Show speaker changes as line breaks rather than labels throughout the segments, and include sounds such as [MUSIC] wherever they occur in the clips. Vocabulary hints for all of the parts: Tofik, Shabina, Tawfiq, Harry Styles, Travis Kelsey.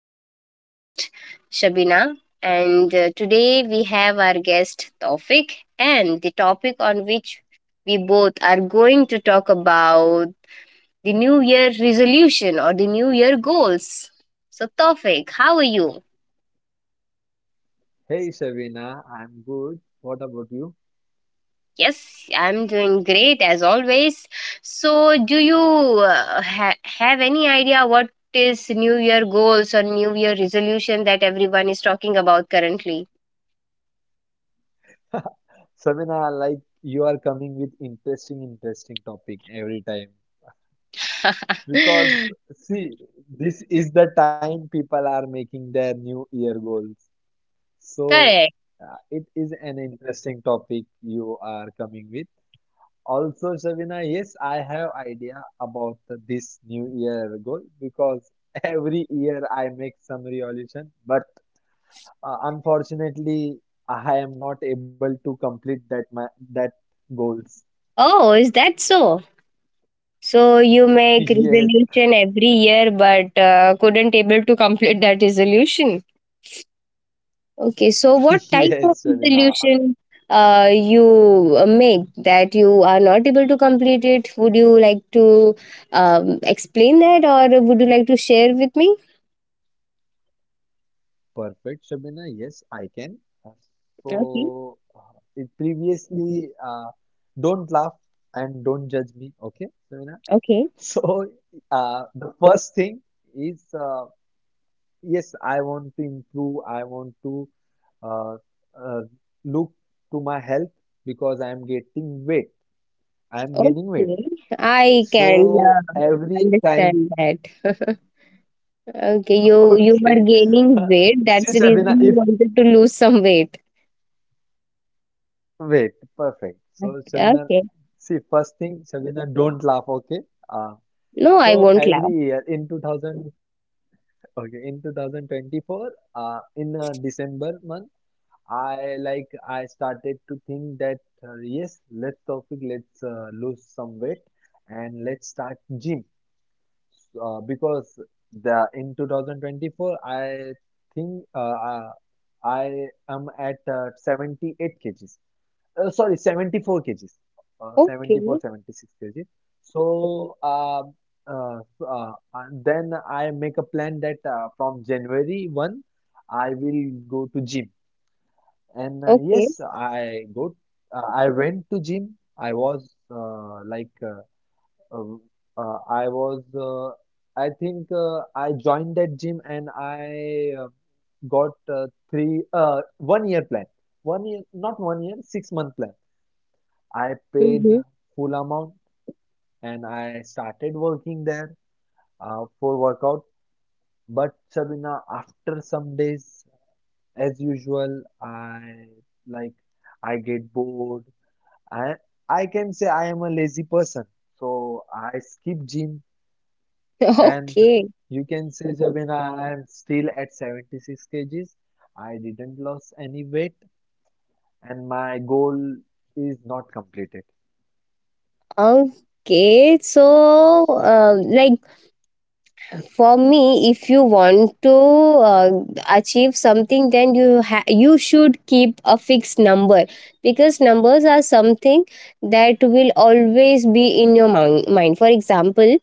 I'm your host, Shabina. And today we have our guest, Tofik. And the topic on which we both are going to talk about the New Year resolution or the New Year goals. So, Tofik, how are you?
Hey Shavina, I'm good. What about you?
Yes, I'm doing great as always. So, do you have any idea what is New Year goals or New Year resolution that everyone is talking about currently?
Shavina, like you are coming with interesting topic every time. Because
[LAUGHS]
see, this is the time people are making their New Year goals. So
Correct.
it is an interesting topic you are coming with. Also, Shavina, yes, I have idea about this New Year goal because [LAUGHS] every year I make some resolution, but unfortunately, I am not able to complete that goals.
Oh, is that so? So you
[LAUGHS]
make
Yes,
resolution every year, but couldn't able to complete that resolution. Okay, so
[LAUGHS]
what type of
yes, Shabina.
resolution you make that you are not able to complete it? Would you like to explain that, or would you like to share with me?
Perfect, Shabina. Yes, I can. Uh, So,
Okay,
it previously, don't laugh and don't judge me, okay, Shabina?
okay,
[LAUGHS] So, the first thing is, yes, I want to improve. I want to uh, uh, look to my health because I am getting weight. I am
okay.
gaining weight.
I can
So every time,
understand that. [LAUGHS] Okay,
[LAUGHS]
you were
okay. Uh,
gaining weight.
See,
That's the
Shabina,
reason you
if
wanted to lose some weight.
wait, perfect. So, Shabina,
Okay.
see, first thing, Shabina, don't laugh, okay? Uh,
No, I
so
won't
every
laugh.
year in 2000, okay, in 2024, in December month, I started to think that yes, let's lose some weight and let's start gym. Because the in 2024 I think I am at 78 kgs, sorry 74 kgs, 74
Okay.
76 kgs. So and then I make a plan that from January 1 I will go to gym, and
Okay.
yes, I went to gym. I was Like um, uh, I was, uh, I think I joined that gym and I got 1 year plan. 1 year, not 1 year, 6 month plan. I paid
Mm-hmm.
full amount and I started working there for workout. But Shabina, after some days, as usual, I, like, I get bored. I, I can say I am a lazy person. So I skip gym.
[LAUGHS]
And
Okay.
you can say, Jabin, I am still at 76 kgs. I didn't lose any weight and my goal is not completed.
Okay. So, like for me, if you want to uh, achieve something, then you should keep a fixed number, because numbers are something that will always be in your mind. For example,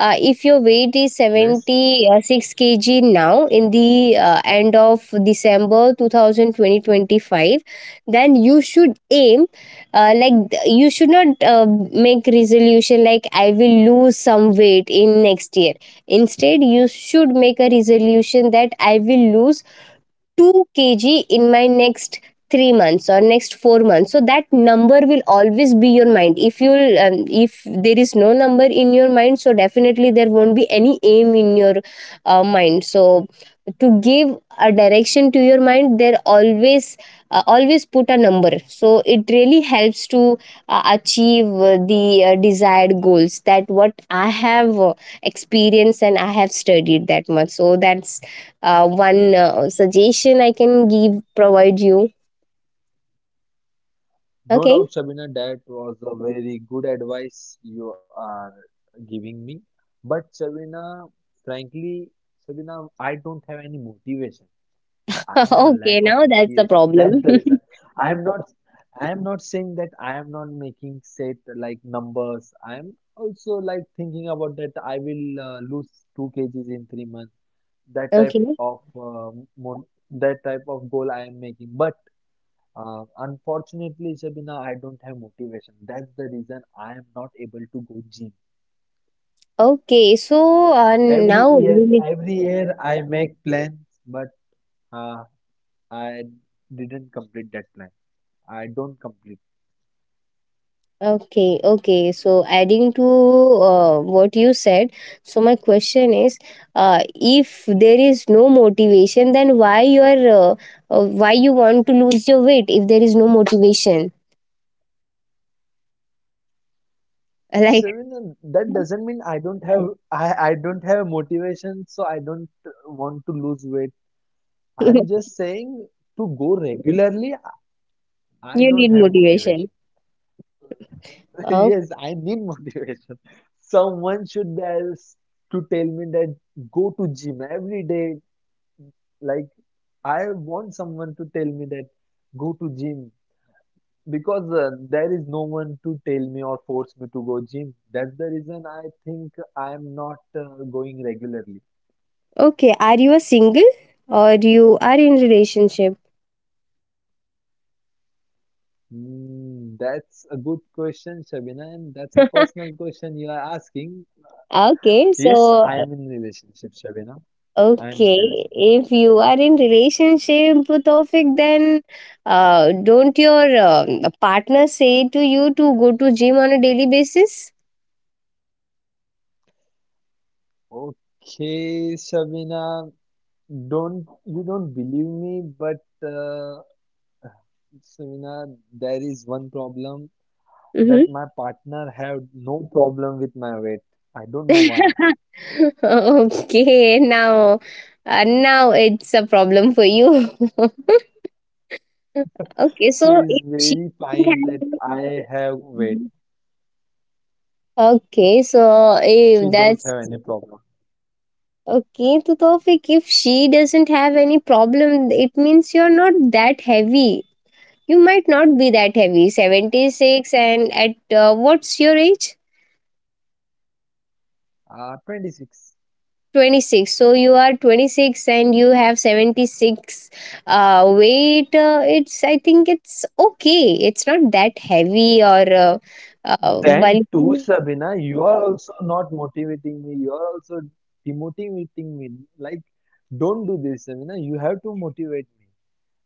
if your weight is
Yes.
76 kg now in the end of December 2000 2025, then you should aim, you should not make resolution like I will lose some weight in next year. Instead, you should make a resolution that I will lose 2 kg in my next 3 months or next 4 months, so that number will always be your mind. If you um, if there is no number in your mind, so definitely there won't be any aim in your mind. So to give a direction to your mind, there always, always put a number. So it really helps to achieve the desired goals. That what I have experienced and I have studied that much, so that's one suggestion I can give provide you.
No
Okay.
doubt, Shabina, that was a very good advice you are giving me. But Shabina, frankly, Shabina, I don't have any motivation.
[LAUGHS]
I have lack
Okay,
of
now that's the
motivation. That's
problem.
the reason. I am not I am not saying that I am not making set like numbers. I am also like thinking about that I will lose 2 kgs in 3 months.
[LAUGHS]
That type
Okay,
of uh, mon that type of goal I am making. But unfortunately, Shabina, I don't have motivation. That's the reason I am not able to go gym.
okay, so
Every
now.
year, every year I make plans, but uh, I didn't complete that plan. I don't complete.
Okay, okay. So adding to what you said, so my question is, if there is no motivation, then why you want to lose your weight if there is no motivation? [LAUGHS] Like
Shavina, that
[LAUGHS]
doesn't mean I don't have motivation, so I don't want to lose weight.
you
I'm just saying to go regularly, I
need
don't have
motivation.
motivation. [LAUGHS]
Oh,
Yes, I need motivation. Someone should be else to tell me that go to gym every day. Like, I want someone to tell me that go to gym. Because there is no one to tell me or force me to go gym. That's the reason I think I am not going regularly.
okay. Are you a single or you are in relationship?
Hmm, that's a good question, Shabina, and that's a
[LAUGHS]
personal question you are asking.
Okay,
Yes,
so.
I am in relationship, Shabina. I am in
Okay,
relationship.
if you are in relationship, Tofik, then don't your partner say to you to go to gym on a daily basis?
Okay, Shabina, don't you don't believe me, but Shabina, there is one problem
Mm-hmm.
that my partner have no problem with my weight. I don't know why.
[LAUGHS] Okay, now, now it's a problem for you. [LAUGHS] Okay,
She
so
is
if she
very
doesn't
fine that
have.
I have weight.
Mhm. Okay, so if
She don't
that's
have any problem.
okay, to Tofik, if she doesn't have any problem, it means you're not that heavy. You might not be that heavy, 76, and at what's your age?
26.
26. So you are 26 and you have 76 weight. It's, I think it's okay. It's not that heavy or
Then too,
bulky.
Sabina, you are also not motivating me. You are also demotivating me. Like, don't do this, Sabina. You have to motivate me.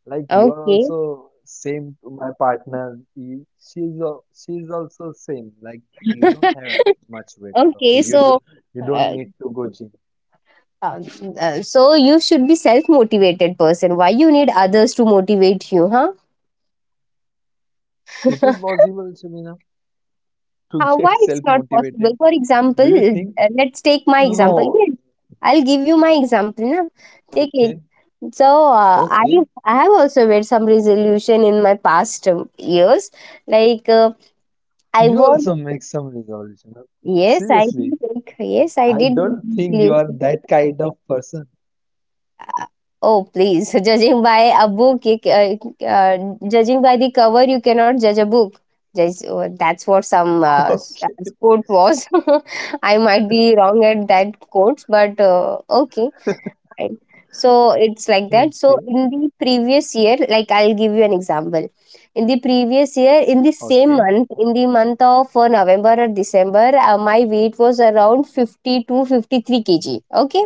Like, you are
Okay.
also same to my partner. She's she's also same. Like, you don't
[LAUGHS]
have much weight,
Okay.
Taufeeq.
So.
You don't
Uh,
need to go gym.
um, so you should be self-motivated person. Why you need others to motivate you, huh?
It is
[LAUGHS]
possible, Sabina, to
How, why
get [LAUGHS]
it's
self
not possible?
motivated.
For
Do you
example,
think?
let's take my example.
No.
Yeah, I'll give you my example. Na? Take it.
Okay.
So uh, I
Okay.
I have also made some resolution in my past years. Like I
You
want
also make some resolution, huh?
yes I
Seriously,
did make, yes I
I
did make
don't think you are
resolution.
that kind of person. [LAUGHS]
Oh, please. [LAUGHS] Judging by a book, judging by the cover, you cannot judge a book. Just, that's what some
Okay.
quote was. [LAUGHS] I might be wrong at that quote, but okay, fine. So it's like that. So
Okay.
in the previous year, like I'll give you an example. In the previous year, in the same month, in the month of November or December, my weight was around 50 to 53 kg. Okay,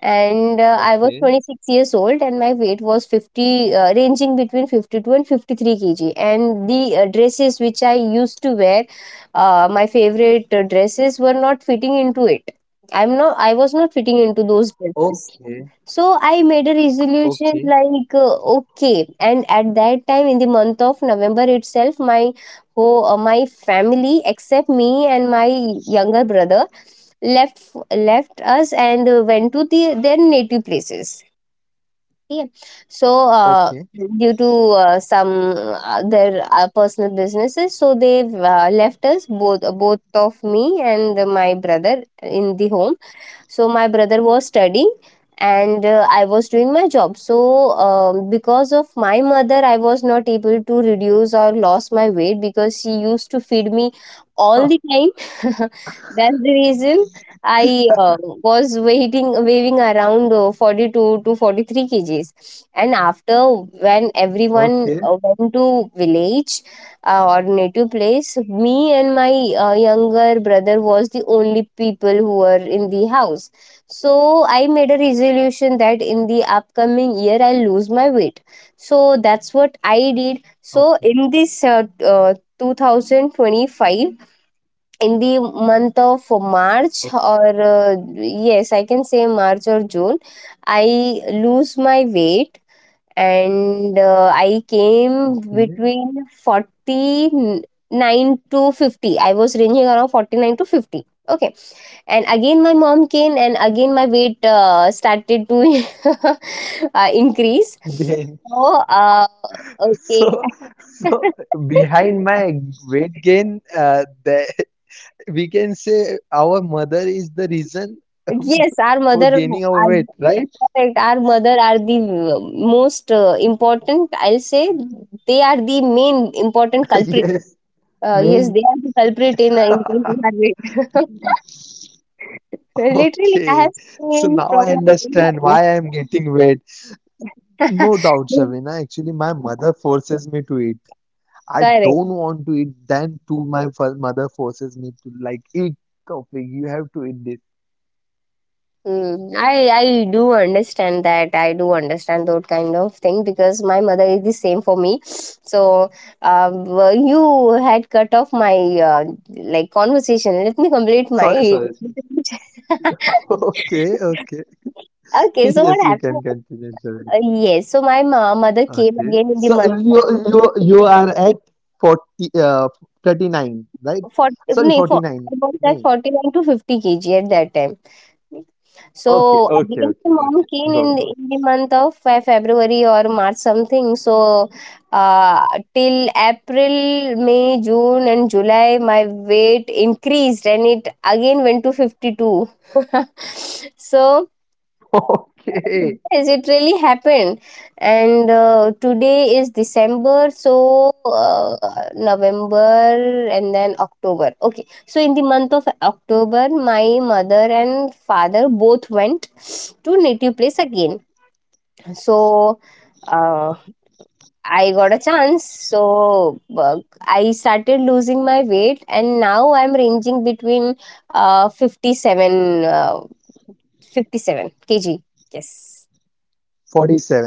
and I was
Okay.
26 years old and my weight was 50, ranging between 52 and 53 kg, and the dresses which I used to wear, my favorite dresses were not fitting into it. I was not fitting into those dresses.
Okay.
So I made a resolution
Okay. Okay.
like, okay, and at that time in the month of November itself, my whole, my family, except me and my younger brother, left left us and went to their native places, yeah. So
Okay. [LAUGHS]
due to some their personal businesses, so they left us both of me and my brother in the home. So my brother was studying and I was doing my job. So because of my mother, I was not able to reduce or lost my weight, because she used to feed me
Huh.
all the time. [LAUGHS] That's the reason I, was weighing, around 42 to 43 kgs. And after, when everyone
Okay.
went to village, or native place, me and my younger brother was the only people who were in the house. So I made a resolution that in the upcoming year I'll lose my weight. So that's what I did. So
Okay.
in this 2025, in the month of March
Okay.
or, yes I can say March or June, I lose my weight, and I came
Okay.
between 49 to 50. I was ranging around 49 to 50. Okay, and again my mom came, and again my weight started to [LAUGHS] increase.
Gain.
So,
[LAUGHS]
uh, okay,
So,
[LAUGHS]
so, behind my weight gain, [LAUGHS] we can say our mother is the reason [LAUGHS]
yes, our
for
mother,
gaining
our,
our weight, right?
correct, our mother are the most important, I'll say, they are the main important
[LAUGHS]
culprit.
Yes.
Yes,
Main.
they are the culprit in increasing heart rate. [LAUGHS] Literally, I
Okay,
have
so
seen
now
from
I
my
understand
own.
why I'm getting wet. No
[LAUGHS]
doubt, Shavina. Actually, my mother forces me to eat. I
Correct.
don't want to eat, then too my mother forces me to like eat coffee. You have to eat this.
Mm, I do understand that. I do understand that kind of thing, because my mother is the same for me. So, well, you had cut off my like conversation. Let me complete
Sorry,
my.
sorry. [LAUGHS] Okay, okay. [LAUGHS]
[LAUGHS] Okay, so what
Yes, you
happened?
can continue, Shavina.
Yes, so my mother came
Okay.
again in the
So
month,
you are at 40, uh 39, right?
for
Sorry,
nay, for I
49.
was at
Nine.
49 to 50 kg at that time.
Okay,
So
okay,
again,
okay,
my mom
okay.
came
Go,
in
go.
in the month of February or March, something. So uh, till April, May, June, and July, my weight increased and it again went to 52. [LAUGHS] So.
[LAUGHS] Okay.
Yes, it really happened. And today is December, so November and then October. Okay, so in the month of October, my mother and father both went to native place again. So uh, I got a chance. So I started losing my weight, and now I'm ranging between uh, 57, uh, 57 kg. Yes.
47,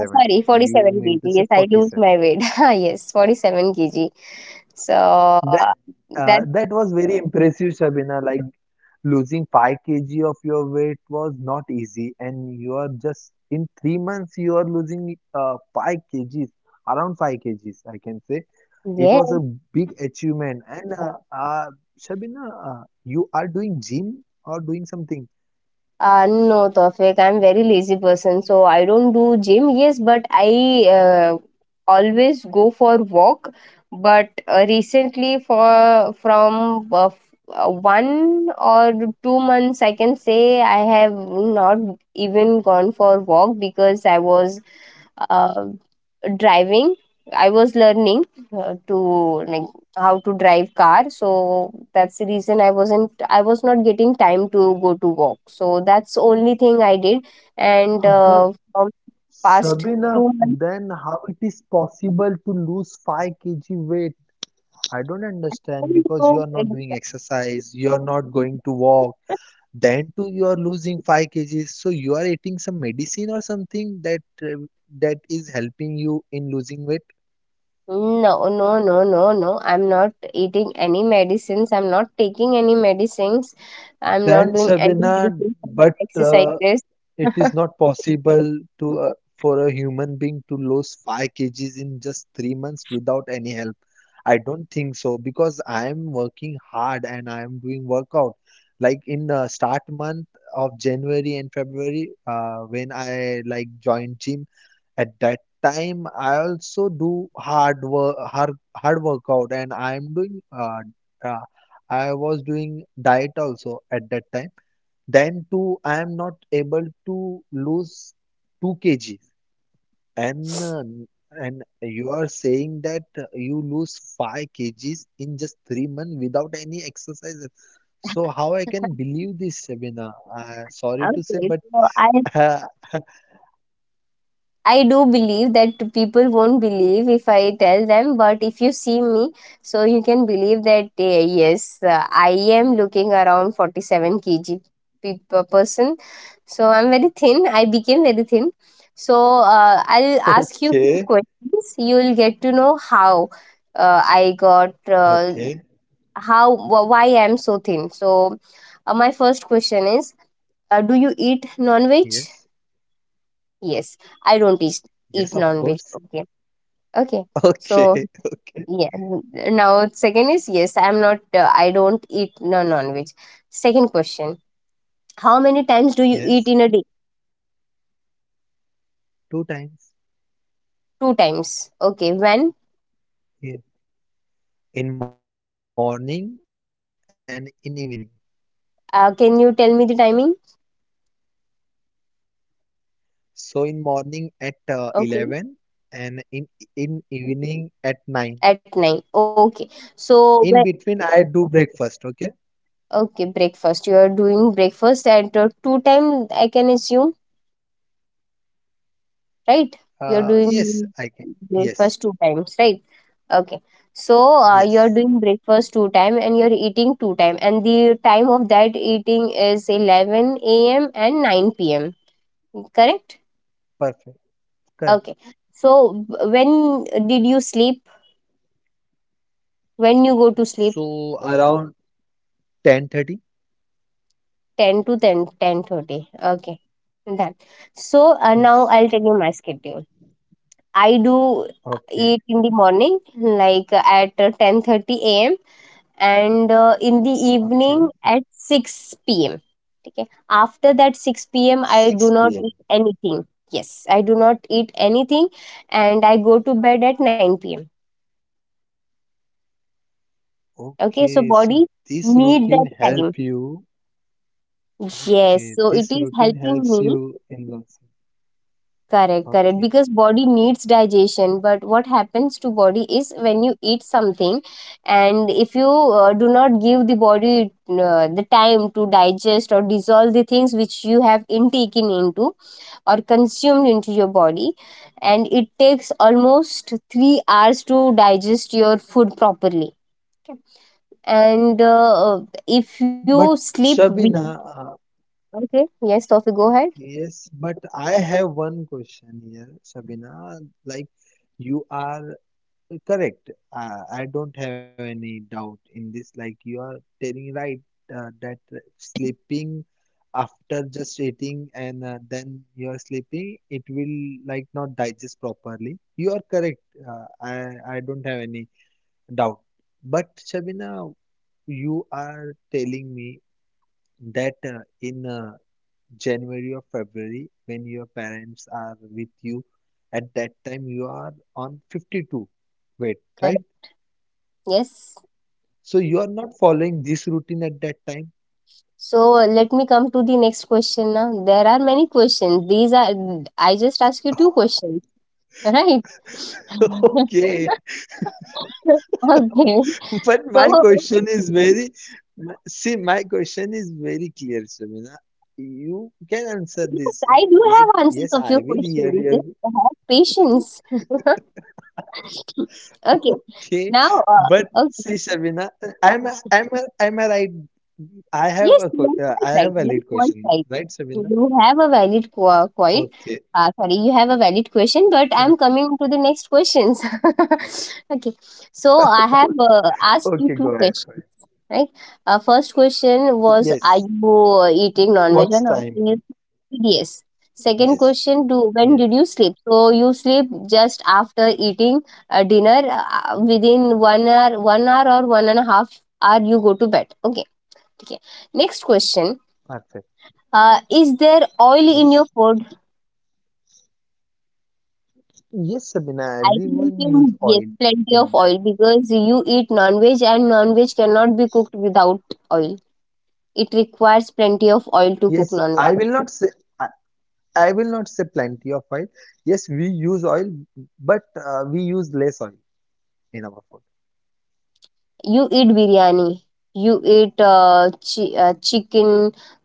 Sorry,
You
47
mean
kg.
to say
Yes, I lose
47.
my weight. [LAUGHS] Yes, 47 kg. So
That uh,
that,
that was very impressive, Shabina. Like losing 5 kg of your weight was not easy, and you are just in 3 months you are losing 5 kgs, around 5 kgs, I can say. It
yeah.
was a big achievement. And Shabina, you are doing gym or doing something?
No, Tawfiq, I'm very lazy person. So I don't do gym. Yes, but I always go for walk. But recently for from 1 or 2 months, I can say I have not even gone for walk, because I was, uh, driving, I was learning, to like, how to drive car. So that's the reason I was not getting time to go to walk. So that's only thing I did. And
But
from past
Sabina,
2 months,
then how it is possible to lose 5 kg weight? I don't understand because you
so
are not doing
it's-
exercise, you are not going to walk, then too you are losing 5 kgs. So you are eating some medicine or something that is helping you in losing weight.
No, no, no, no, no, I'm not eating any medicines. I'm not taking any medicines. I'm not
Then
doing any
Shabina,
medicines,
but
exercises.
it is
[LAUGHS]
not possible to for a human being to lose 5 kgs in just 3 months without any help. I don't think so because I am working hard and I am doing workout. Like in the start month of January and February, when I like joined gym, at that time I also do hard work, hard workout, and I am doing. Uh, I was doing diet also at that time. Then too, I am not able to lose 2 kg. And uh, and you are saying that you lose 5 kgs in just 3 months without any exercises. So how I can believe this, Shabina? Sorry to say,
Okay,
but
so I
[LAUGHS]
I do believe that people won't believe if I tell them, but if you see me, so you can believe that eh, yes, I am looking around 47 kg per person. So I'm very thin. I became very thin. So I'll ask you few
okay,
questions. You'll get to know how I got
okay,
how wh- why I'm so thin. So my first question is, do you eat non-veg?
yes,
Yes, I don't eat,
yes,
eat
of
non-veg.
course.
Okay, okay.
[LAUGHS]
So
Okay, okay,
yeah, now second is, yes, I'm not. I don't eat no non-veg. Second question: How many times do you eat
yes,
in a day?
2 times.
Two times. Okay. When?
Yeah. In morning and in evening.
Can you tell me the timing?
So in morning at 11
Okay.
and in evening at 9.
At nine. Okay.
In between,
So
I
when?
do breakfast. Okay.
Okay, breakfast. You are doing breakfast at two time. I can assume, right? You're
Yes, I
doing
can. Yes,
breakfast two times, right? Okay. So you're
yes.
doing breakfast two time and you're eating two time, and the time of that eating is 11 a.m. and 9 p.m. Correct?
Perfect. Correct.
Okay. So when did you sleep? When you go to sleep?
So around 10:30.
10 to ten ten thirty. Okay. Done. So now
Yes.
I'll tell you my schedule. I do
Okay.
eat in the morning like at 10:30 a.m. and in the evening
Okay.
at 6 p.m. Okay. After that 6 p.m., I do not
6 p.m.
eat anything. Yes, I do not eat anything, and I go to bed at 9 p.m. Okay. So,
Okay. So
body
this
need that
routine
time.
help you.
Yes.
Okay.
So, it
This
is
routine
helping
helps
me.
you in launching.
Correct, correct.
Okay.
Because body needs digestion, but what happens to body is when you eat something, and if you do not give the body the time to digest or dissolve the things which you have intaken into or consumed into your body, and it takes almost 3 hours to digest your food properly. And If you
But
sleep,
Shabina,
okay, yes, Tofi, go ahead.
yes, but I have one question here, Shabina. Like, you are Correct. I don't have any doubt in this. Like, you are telling right that sleeping after just eating and then you are sleeping, it will like not digest properly. You are correct. I don't have any doubt. But Shabina, you are telling me that in January or February, when your parents are with you, at that time you are on 52 weight, right?
Correct. Yes.
So you are not following this routine at that time?
So, let me come to the next question now. There are many questions. These are I just ask you two
[LAUGHS]
questions, right? [LAUGHS]
Okay.
Okay.
[LAUGHS] But my
So,
question is [LAUGHS] my question is very clear, Shamina. You can answer
yes,
this.
I do
Like,
have answers
yes,
of
I
your
will hear
questions. Just
you.
have patience. [LAUGHS] Okay.
[LAUGHS] Okay.
Now,
But
okay.
see, Shamina, I'm, a- I'm, a- I'm a right. I have
Yes,
a,
you
que-
are
uh,
quite
I have
right.
a
You are
valid
quite
question,
right.
right, Shamina?
You have a valid quite.
Okay.
Sorry, you have a valid question, but I'm coming to the next questions. [LAUGHS] Okay, so I
[LAUGHS]
have
Okay.
asked you
Okay. Go
two
ahead. Go
questions,
ahead.
right? First question was, are
Yes.
you eating non-veg or
What's
not, in your
timing?
PDS? Second question,
Yes.
do when did you
Yes.
sleep? So you sleep just after eating dinner within 1 hour, one hour or one and a half hour you go to bed. Okay, okay. Next question,
Perfect.
is there oil in your
Yes.
food?
Yes, Sabina, everyone use
Yes,
oil
plenty
in
of
that
oil
one.
because you eat non-veg, and non-veg cannot be cooked without oil. It requires plenty of oil to cook
Yes,
non-veg.
I, I will not say plenty of oil. Yes, we use oil, but we use less oil in our food.
You eat biryani, you eat chicken,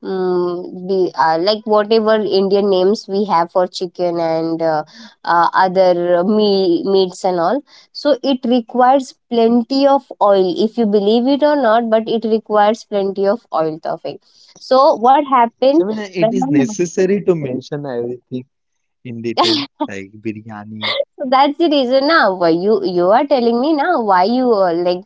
like whatever Indian names we have for chicken and meats and all. So it requires plenty of oil, if you believe it or not, but it requires plenty of oil, topic. So what happened
Sabina, it
when my
is necessary to mention everything in detail,
[LAUGHS]
like biryani.
so that's the reason now. Why you are telling me now, why you like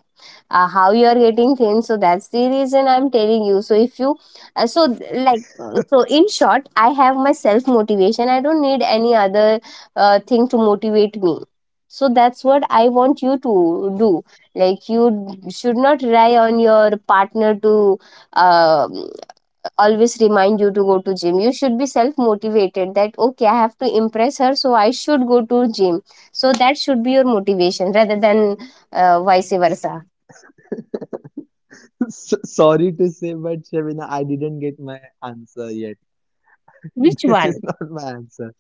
how you are getting things. So that's the reason I'm telling you. So if you uh, so like in short, I have my self motivation. I don't need any other thing to motivate me. So that's what I want you to do. Like, you should not rely on your partner to uh, always remind you to go to gym. You should be self motivated that okay, I have to impress her, so I should go to gym. So that should be your motivation rather than vice versa.
[LAUGHS] So, sorry to say, but Shabina, I didn't get my answer yet.
Which
[LAUGHS] This is
one?
not my answer.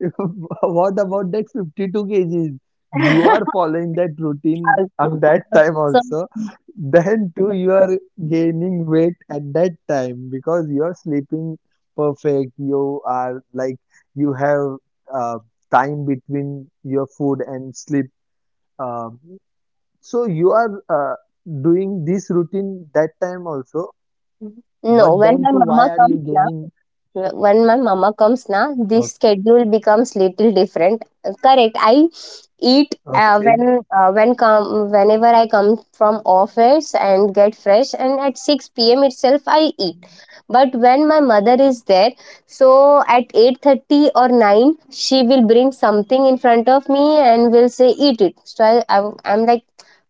[LAUGHS] What about that 52 kgs? You are
[LAUGHS]
following that routine at that time
So,
also. Then too, you are gaining weight at that time because you are sleeping perfect. You are like you have uh, time between your food and sleep. Um, so you are doing this routine that time also.
no,
But
when
then
my
too, why
mama
are you
comes now,
gaining?
when my mama comes now, this
Okay,
schedule becomes little different. Correct. I eat uh,
okay.
when uh, when come whenever I come from office and get fresh, and at 6 p.m. itself I eat. But when my mother is there, so at 8:30 or 9, she will bring something in front of me and will say eat it. So I'm like,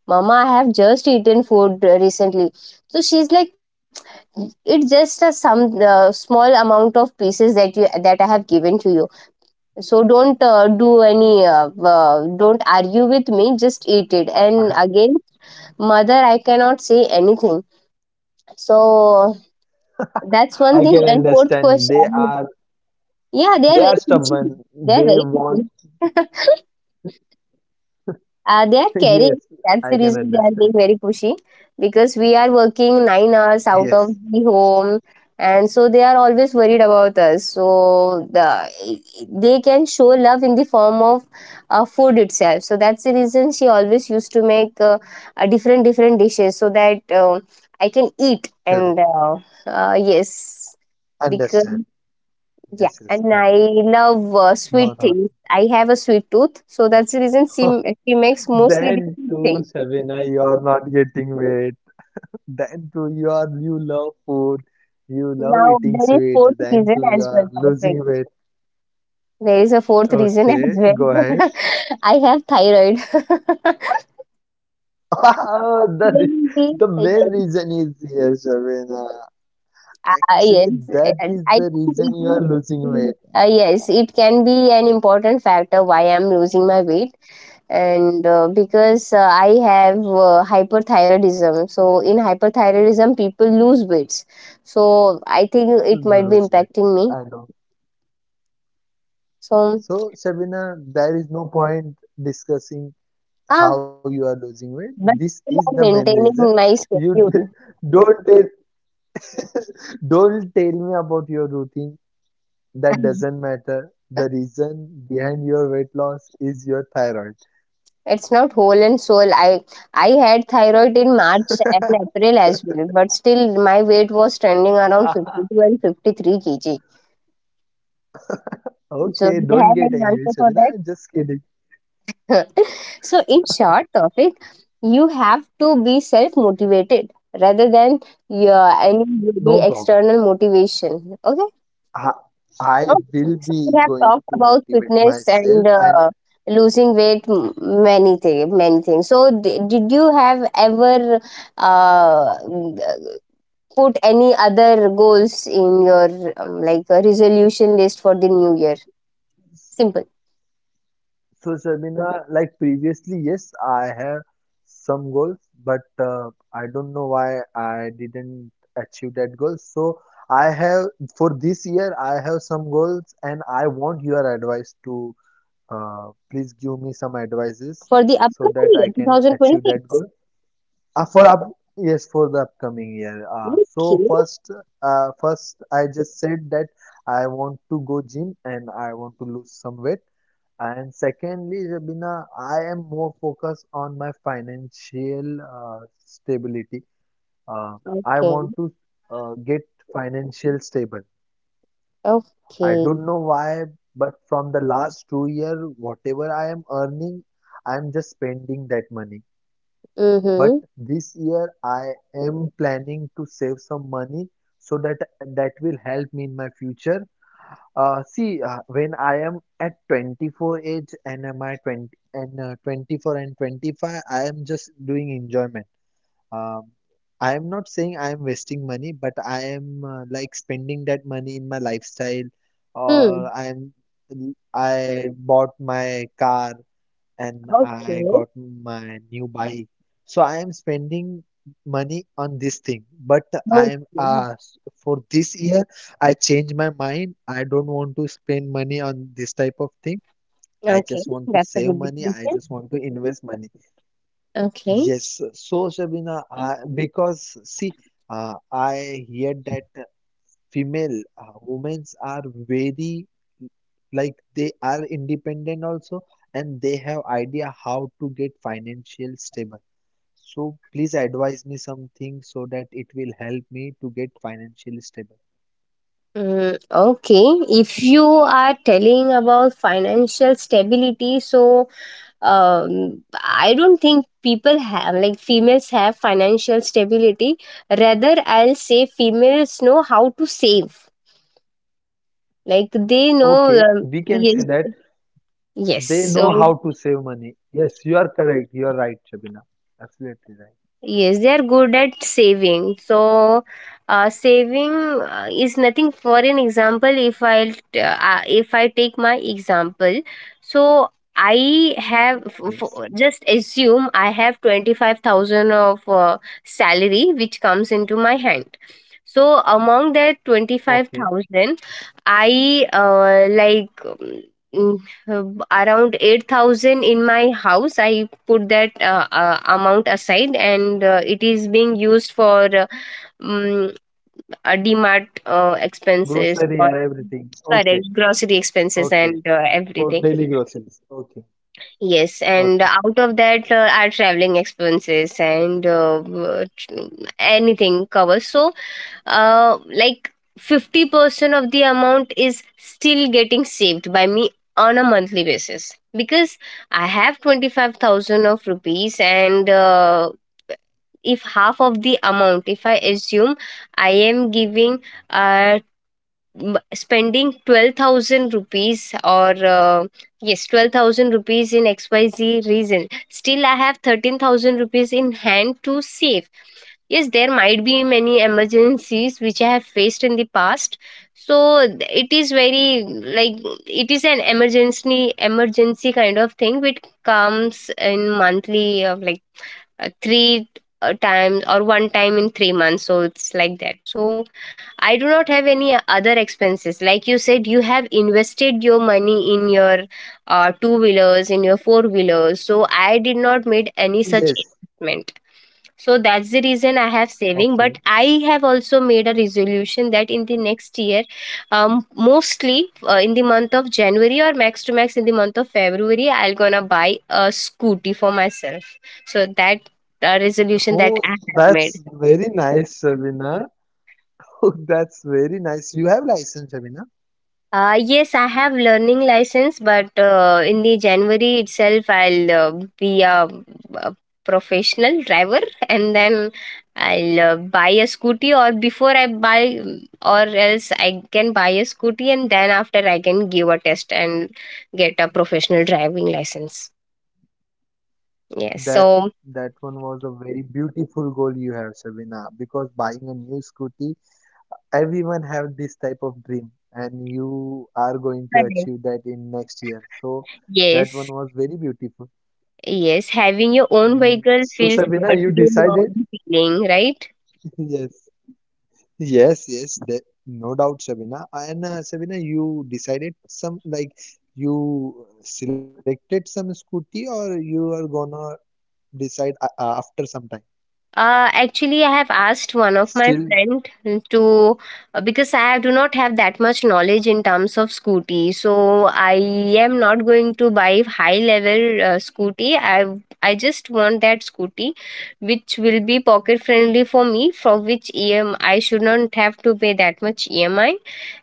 mama, I have just eaten food recently. So she's like, it's just a some small amount of pieces that you that I have given to you, so don't do any don't argue with me, just eat it. And
[LAUGHS]
again, mother, I cannot say anything. So that's one
I
thing.
can
And fourth
understand. They
question,
are
yeah, they are
They
very
are
picky.
stubborn.
They are
They
very
want.
picky.
[LAUGHS]
[LAUGHS] They are caring.
Yes,
That's the
I can
reason they are
understand.
being very pushy, because we are working 9 hours out of
Yes,
the home, and so they are always worried about us. So the they can show love in the form of food itself. So that's the reason she always used to make a different different dishes so that I can eat.
correct.
And Yes, because
Understand.
yeah,
Yes, yes,
and I
correct.
love
No,
sweet
no,
things. I have a sweet tooth, so that's the reason
no.
she makes
[LAUGHS]
mostly the
Then
sweet
too,
thing.
Sabina, you are not getting weight. Then too, you love food. You love
Now
eating
there is
sweets.
fourth
Then
reason
too, you
as well.
are losing
Perfect.
weight.
There is a fourth reason as
Okay, go
well.
ahead. [LAUGHS]
[LAUGHS] I have thyroid. [LAUGHS]
Oh, that is
Maybe
the main reason is here, Sabina.
yes,
Actually,
yes,
that is
and I
the
think
reason you are losing weight.
yes, it can be an important factor why I'm losing my weight. And because I have hyperthyroidism, so in hyperthyroidism people lose weights. So I think it might be
Lose weight.
impacting me.
I know.
So
So, Shabina, there is no point discussing
ah
how you are losing weight.
but
This
still
is
I'm
the main
maintaining
reason.
my
You d-
schedule.
[LAUGHS] don't tell, don't tell me about your routine. That
[LAUGHS]
doesn't matter. The reason behind your weight loss is your thyroid.
It's not whole and soul. I had thyroid in March and
[LAUGHS]
April as well, but still my weight was trending around 52 and 53 kg. So do you
Okay,
have
don't
any
get
answer
angry,
for that?
Shabina. I'm just kidding.
[LAUGHS] So, in short, topic, you have to be self motivated rather than your any the
No problem.
external motivation. Okay.
I, I
Okay.
will
So we have
be
talked
going to
about
motivate
fitness and
myself and.
losing weight, many things, many things. So did you have ever uh, put any other goals in your like a resolution list for the new year? Simple
So, Sharmina, like previously, yes, I have some goals, but I don't know why I didn't achieve that goal. So, I have for this year, I have some goals, and I want your advice to please give me some advices
for the
so
upcoming
that
year,
I can achieve that
2026.
goal. Uh, for up, yes, for the upcoming year. So
Okay.
first, first I just said that I want to go gym and I want to lose some weight. And secondly, Rabina, I am more focused on my financial stability. Uh, I
Okay.
want to get financial stable. I
Okay.
don't know why, but from the last 2 year, whatever I am earning, I am just spending that money. But
Mm-hmm.
this year I am planning to save some money so that that will help me in my future. See, when I am at 24 age and am I 20 and 24 and 25, I am just doing enjoyment. Um, I am not saying I am wasting money, but I am like spending that money in my lifestyle,
Hmm.
or I bought my car and I
Okay.
got my new bike. So I am spending money on this thing, but I am
Okay.
for this year I changed my mind. I don't want to spend money on this type of thing. I
Okay.
just want to
That's a
save
good
money. I
definition.
just want to invest money.
Okay.
Yes, so Shabina, because see, I hear that female women's are very like they are independent also, and they have idea how to get financial stable, so please advise me something so that it will help me to get financially stable.
Mm, okay. If you are telling about financial stability, so I don't think people have like females have financial stability. Rather, I'll say females know how to save. Like they know.
Okay, we can say
Yes.
that
Yes.
they know
So
how to save money. Yes, you are correct. You are right, Shabina. Absolutely right.
yes, they are good at saving. So, saving is nothing. For an example, if if I take my example, so I have
Yes.
just assume I have 25,000 of salary which comes into my hand. So among that twenty five
Okay,
thousand, I uh, like. mm, uh, around 8000 in my house I put that amount aside, and it is being used for um, dmart expenses
grocery
or
and everything. Okay,
correct grocery expenses
okay,
and
for
everything.
daily groceries. Okay,
Yes, and
okay.
out of that are traveling expenses and anything covers. So like 50% of the amount is still getting saved by me on a monthly basis, because I have 25,000 of rupees, and if half of the amount, if I assume I am giving uh, spending 12,000 rupees or uh, yes 12,000 rupees in xyz reason, still I have 13,000 rupees in hand to save. Yes, there might be many emergencies which I have faced in the past. So it is very like it is an emergency, emergency kind of thing which comes in monthly of like three times or one time in 3 months. So it's like that. So I do not have any other expenses. Like you said, you have invested your money in your two wheelers, in your four wheelers. So I did not made any such
Yes.
investment. So that's the reason I have saving.
Okay.
But I have also made a resolution that in the next year, mostly in the month of January or max to max in the month of February, I'll gonna buy a scooty for myself. So that resolution that
Oh,
I have made.
that's very nice, Shabina. [LAUGHS] Oh, that's very nice. You have license, Shabina.
Yes, I have learning license, but in the January itself, I'll be a professional driver, [LAUGHS] and then I'll buy a scooty. Or before I buy, mm, or else I can buy a scooty, and then after I can give a test and get a professional driving license. Yes.
That
So
that one was a very beautiful goal you have, Shabina. Because buying a new scooty, everyone have this type of dream, and you are going to
correct.
achieve that in next year. So that one
Yes,
was very beautiful.
yes, having your own
Mm,
vehicle
So
feels
Shabina,
good.
you
You know
decided?
the feeling, right?
[LAUGHS] Yes. Yes, yes, that, no doubt, Shabina. And Shabina, you decided some like you selected some scooty, or you are gonna decide after some time.
Actually, I have asked one of my
Still,
friend to because I do not have that much knowledge in terms of scooty. So I am not going to buy high level scooty. I just want that scooty which will be pocket friendly for me, for which EMI should not have to pay that much EMI,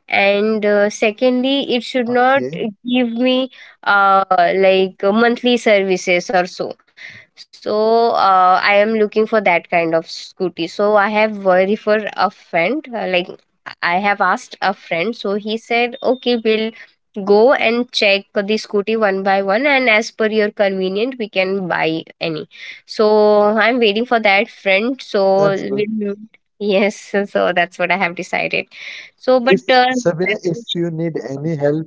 and secondly it should not
okay,
give me uh, monthly services or so. So I am looking for that kind of scooty. So I have refer a friend, I have asked a friend. So he said okay, we'll go and check the scooty one by one, and as per your convenient we can buy any. So I'm waiting for that friend. So
that's good.
we'll, yes. [LAUGHS] So so that's what I have decided. So, but
If Sabina,
that's for
if
sure.
you need any help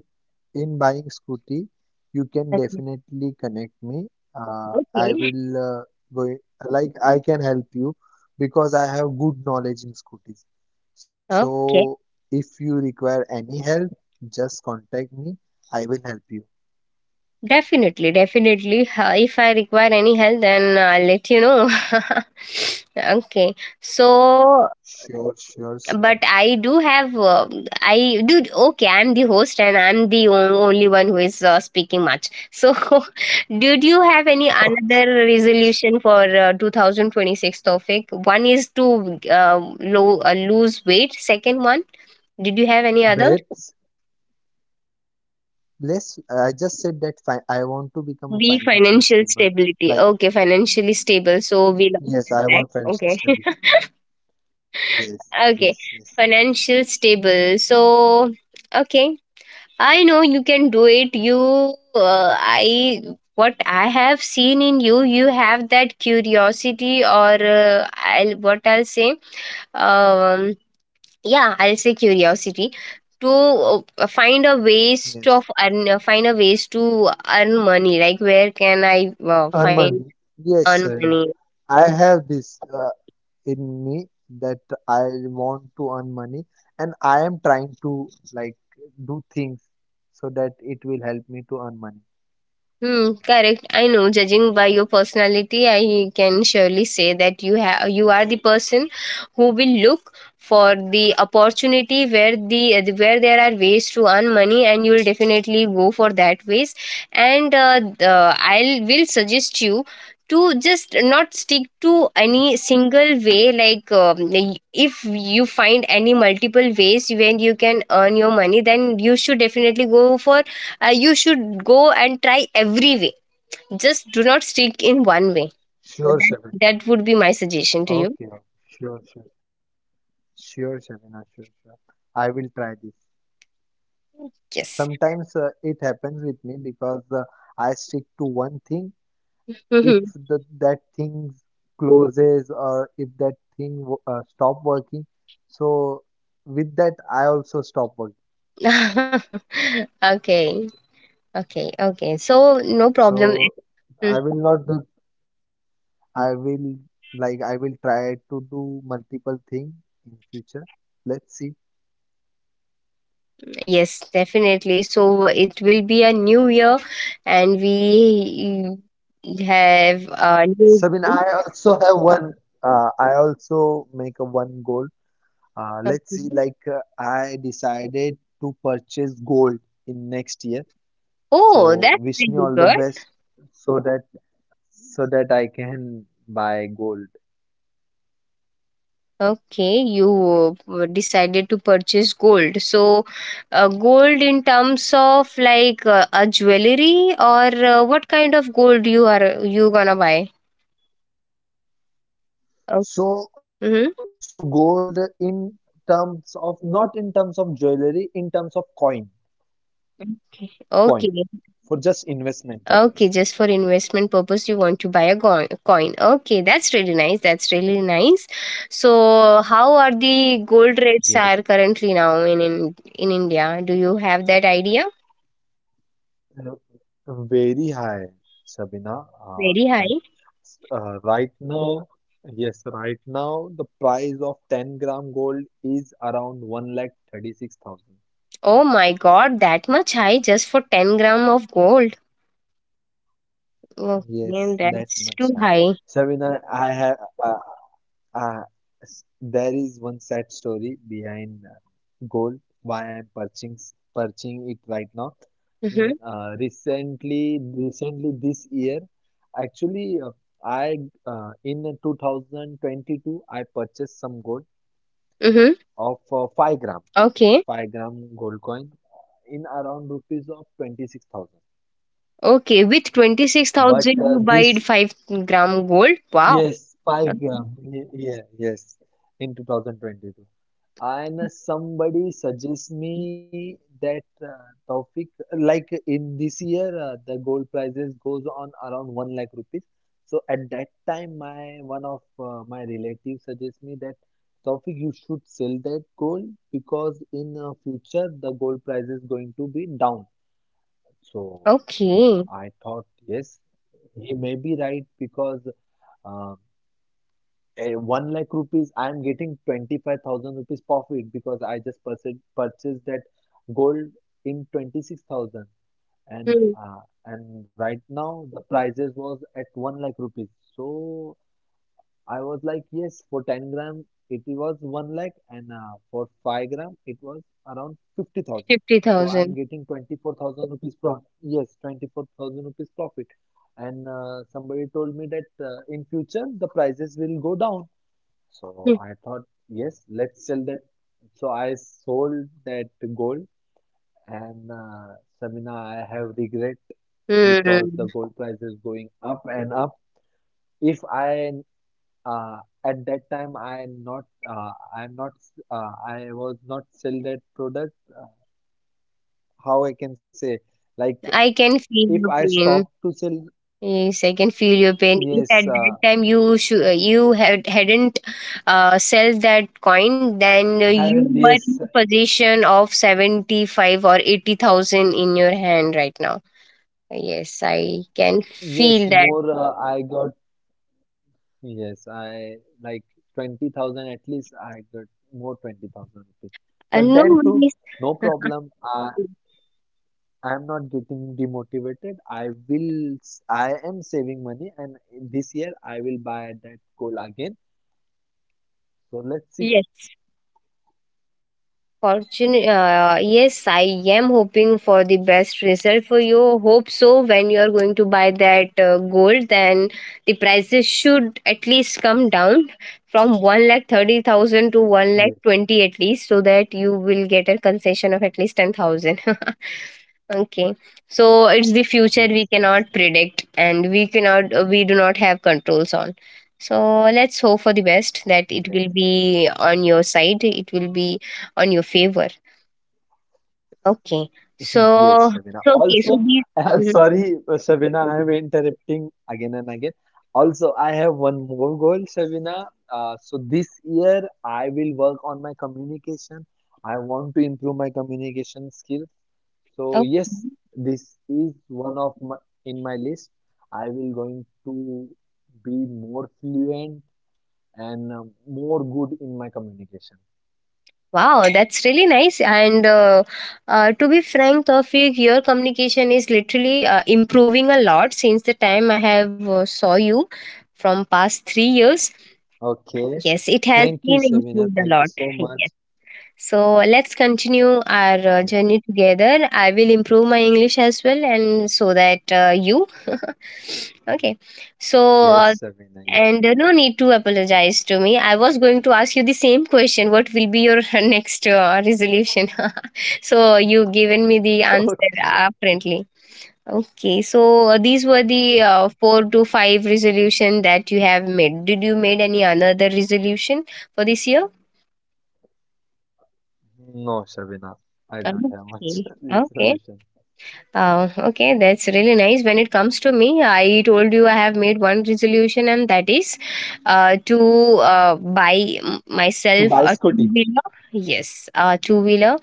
in buying scooty, you can
Definitely.
definitely connect me. I
Okay.
will go, like, I can help you because I have good knowledge in scooties. So
Okay.
if you require any help, just contact me. I will help you.
Definitely. Definitely. If I require any help, then I'll let you know. [LAUGHS] Okay. So,
Sure, sure, sir.
but I do have, okay, I'm the host and I'm the only one who is speaking much. So, [LAUGHS] did you have any
[LAUGHS]
another resolution for 2026 topic? One is to lose weight. Second one, did you have any other?
Wait. Let's. I just said that fi I want to become a
Be
financial
financial
stable.
stability.
Like,
Okay, financially stable. So we lost
yes, I
that.
want financial
Okay.
stability.
[LAUGHS]
Yes,
Okay.
yes, yes,
Financial stable. So okay. I know you can do it. You I What I have seen in you, you have that curiosity or I'll what I'll say. Um yeah, I'll say curiosity to find a ways to
yes.
of earn, find a ways to earn money, like where can I
Earn
find
money. Yes,
earn
sir. Now,
money.
I have this in me that I want to earn money, and I am trying to like do things so that it will help me to earn money.
Hmm, correct. I know. Judging by your personality, I can surely say that you are the person who will look for the opportunity where there are ways to earn money, and you will definitely go for that ways. And I will suggest you to just not stick to any single way. Like if you find any multiple ways when you can earn your money, then you should definitely go for you should go and try every way. Just do not stick in one way. So
Sure,
That,
Shabina.
that would be my suggestion to you.
Okay, okay. Sure, sure, sure, Shabina, sure, sure. I will try this.
Yes.
Sometimes it happens with me because I stick to one thing. If
Mhm.
that thing closes, or if that thing stop working, so with that I also stop working.
[LAUGHS] Okay. Okay. Okay. So, no problem.
So
Mm,
I will not do. I will I will try to do multiple thing in future. Let's see.
yes, definitely. So, it will be a new year and we have a new.
Sabine, I also have one. I also make a one goal.
Okay.
Let's see, like I decided to purchase gold in next year. So
Oh, that's
wish me
really
all the
good.
best so that so that I can buy gold.
Okay, you decided to purchase gold. So, gold in terms of like a jewelry or what kind of gold you gonna buy? Oh.
So
Hmm.
gold in terms of not in terms of jewelry, in terms of coin
Okay,
for just investment purpose.
okay, just for investment purpose, you want to buy a coin. Okay, that's really nice. That's really nice. So, how are the gold
Yes.
rates are currently now in India? Do you have that idea?
Uh, Very high, Sabina.
Very
Like
high.
right now, yes, right now, the price of 10-gram gold is around 1,36,000.
Oh my god, that much high just for 10 gram of gold. Okay,
Yes, that
that's
much
too
high.
high.
Sabina, I have I, Uh, s- there is one sad story behind gold, why I'm purchasing it right now.
Mm-hmm.
Recently this year, actually, I in 2022 I purchased some gold
Mm-hmm.
of 5 gram,
Okay.
5 gram gold coin in around rupees of 26,000.
Okay, with
But
26,000 you buy
this
5-gram gold. Wow.
Yes, 5 gram. Yeah, yes, in 2022. And somebody suggests me that Taufik, like in this year, the gold prices goes on around 1 lakh rupees. So at that time, my one of my relatives suggests me that Taufik, you should sell that gold because in future the gold price is going to be down. So
Okay.
I thought, yes, he may be right because, um 1 lakh rupees, I am getting 25,000 rupees profit because I just purchased that gold in 26,000, and
Hmm.
and right now the prices was at 1 lakh rupees. So I was like, yes, for 10 gram it was 1 lakh, and for 5 gram it was around 50,000. So I
50,000.
am getting 24,000 rupees profit. Yes, 24,000 rupees profit. And somebody told me that in future the prices will go down, so
Hmm.
I thought, yes, let's sell that. So I sold that gold, and Samina, I have regret because
Hmm.
the gold price is going up and up. If I uh, at that time I not I'm not I was not sell that product. How I can say, like,
I can feel
if I
your
stop
pain.
to sell.
Yes, I can feel your pain. If
Yes,
at that time you hadn't sell that coin, then
have.
you were
yes,
in possession of seventy five or eighty thousand in your hand right now. Yes, I can
yes
feel that.
more. I got. Yes, I like 20,000 at least, I got more 20,000 rupees. But
No
then too,
worries.
no problem. I'm not getting demotivated. I am saving money, and this year I will buy that gold again. So let's see.
Yes. Fortune, yes, I am hoping for the best result for you. Hope so. When you are going to buy that gold, then the prices should at least come down from 1,30,000 to one lakh
Yes,
twenty at least, so that you will get a concession of at least 10,000. [LAUGHS] Okay, so it's the future
yes,
we cannot
seven,
predict, and we cannot, we do not have controls on. So let's hope for the best that it will
yes.
be on your side. It will be on your favor. Okay. So,
Yes, Shabina.
so okay. So
Also,
these.
[LAUGHS] I'm
Mhm.
sorry, Shabina, I'm interrupting again and again. Also, I have one more goal, Shabina. So this year, I will work on my communication. I want to improve my communication skills. So
Okay.
yes, this is one of my, in my list. I will going to be more fluent and more good in my communication.
Wow, that's really nice. And to be frank, Tawfiq, your communication is literally improving a lot since the time I have saw you from past 3 years.
Okay.
Yes, it has
Thank you,
been
Shabina.
improved a
Thank you
lot.
so
[LAUGHS]
much.
Yes. So let's continue our
Yeah.
journey together. I will improve my English as well, and so that you. [LAUGHS] Okay. So
Yes,
uh,
Sabina, yes.
and no need to apologize to me. I was going to ask you the same question. What will be your [LAUGHS] next resolution? [LAUGHS] So you given me the
[LAUGHS]
answer
Okay.
apparently. Okay, so these were the
Yes.
four to five resolution that you have made. Did you made any another resolution for this year?
No, Sabina, I
Uh,
don't have much
Okay,
[LAUGHS] the
okay.
solution.
Okay, that's really nice. When it comes to me, I told you I have made one resolution, and that is to buy m-
To
myself
buy
a
scooty.
two wheeler. Yes, a two wheeler.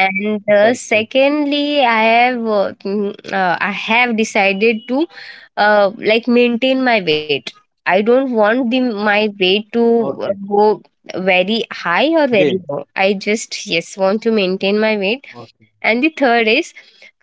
[LAUGHS] Perfect.
secondly, I have decided to like maintain my weight. I don't want the my weight to
Okay.
go very high or
Again.
very low. I just yes want to maintain my weight.
Okay.
And the third is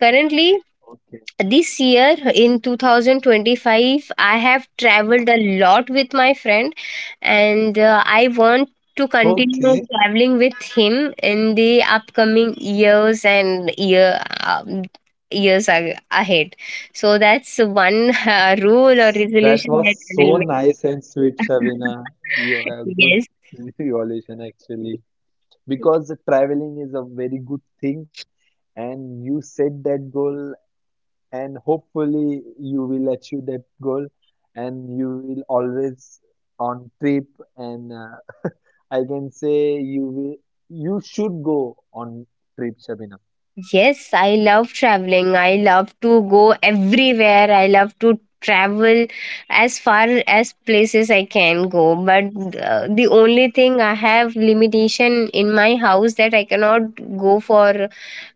currently
Okay.
this year in 2025 I have traveled a lot with my friend, and I want to
Okay.
continue traveling with him in the upcoming years and year um, years a- ahead, so that's one rule or
That
resolution that
was
I will
so
make.
nice and sweet, Shavina.
[LAUGHS]
You are a good
Yes.
[LAUGHS] evolution actually. Because traveling is a very good thing, and you set that goal, and hopefully you will achieve that goal, and you will always on trip, and I can say you should go on trip, Shabina.
Yes, I love traveling. I love to go everywhere. I love to travel as far as places I can go. But the only thing I have limitation in my house that I cannot go for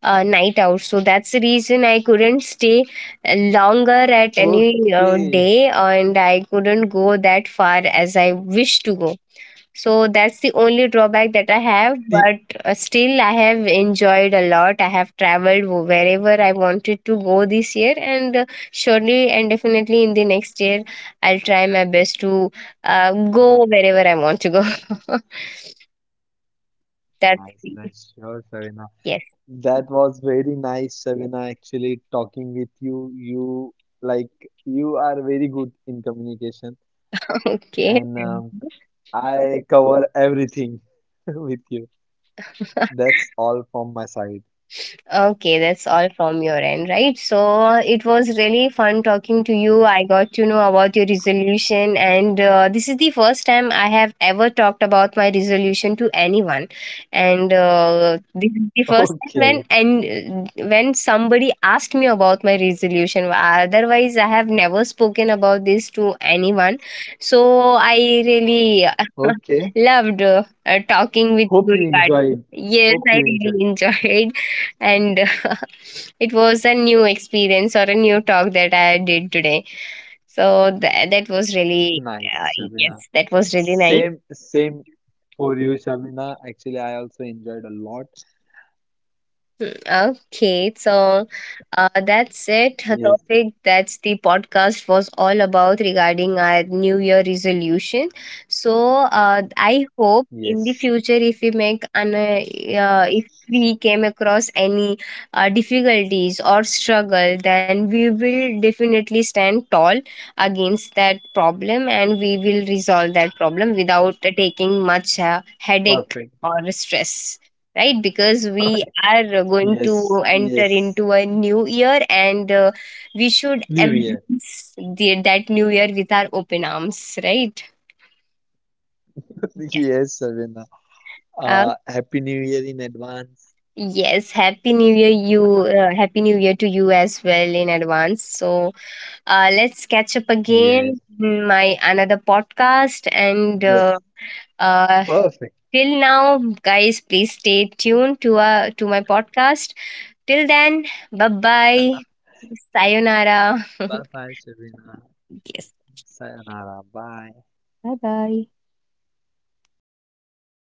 night out. So that's the reason I couldn't stay longer at any
Okay.
day, and I couldn't go that far as I wish to go. So that's the only drawback that I have,
Ti-
but still I have enjoyed a lot. I have traveled wherever I wanted to go this year, and surely and definitely in the next year, I'll try my best to go
Nice,
wherever I want to go. [LAUGHS] That's
nice, nice. Sure, Shavina.
yes,
That was very nice, Shavina, actually talking with you. You, like, you are very good in communication,
[LAUGHS] okay.
and
Thank
I cover everything [LAUGHS] with you.
you.
That's all from my side.
Okay, that's all from your end, right? So it was really fun talking to you. I
Yes.
got to know about your resolution, and this is the first time I have ever talked about my resolution to anyone. And this is the
[LAUGHS]
first time when
Okay.
and uh, when somebody asked me about my resolution. Otherwise, I have never spoken about this to anyone. So I really
Okay.
[LAUGHS] loved talking with
Hope
you
you
regarding.
enjoyed.
Yes,
Hope
I
you
really
enjoyed.
enjoyed, and [LAUGHS] it was a new experience or a new talk that I did today. So that was really uh,
Nice,
yes,
Shabina.
that was really nice.
Same, same for you, Shabina. Actually, I also enjoyed a lot.
Okay, so that's it. A
Yes.
topic, that's the podcast was all about regarding our New Year resolution. So I hope in the
Yes.
future, if we make an if we came across any difficulties or struggle, then we will definitely stand tall against that problem, and we will resolve that problem without taking much headache
Perfect.
or stress, right? Because we are going
Yes.
to enter
Yes.
into a new year, and we should
New Year.
embrace that new year with our open arms, right?
[LAUGHS]
Yes.
Yes, Shabina.
Uh,
Happy New Year in advance.
yes. Happy New Year, you. Happy New Year to you as well in advance. So let's catch up again
Yes.
in my another podcast and.
Yes.
Uh,
Perfect.
Till now, guys, please stay tuned to my podcast. Till then, bye bye. Sayonara. [LAUGHS]
Bye bye, Shabina.
Yes.
Sayonara. Bye.
Bye bye.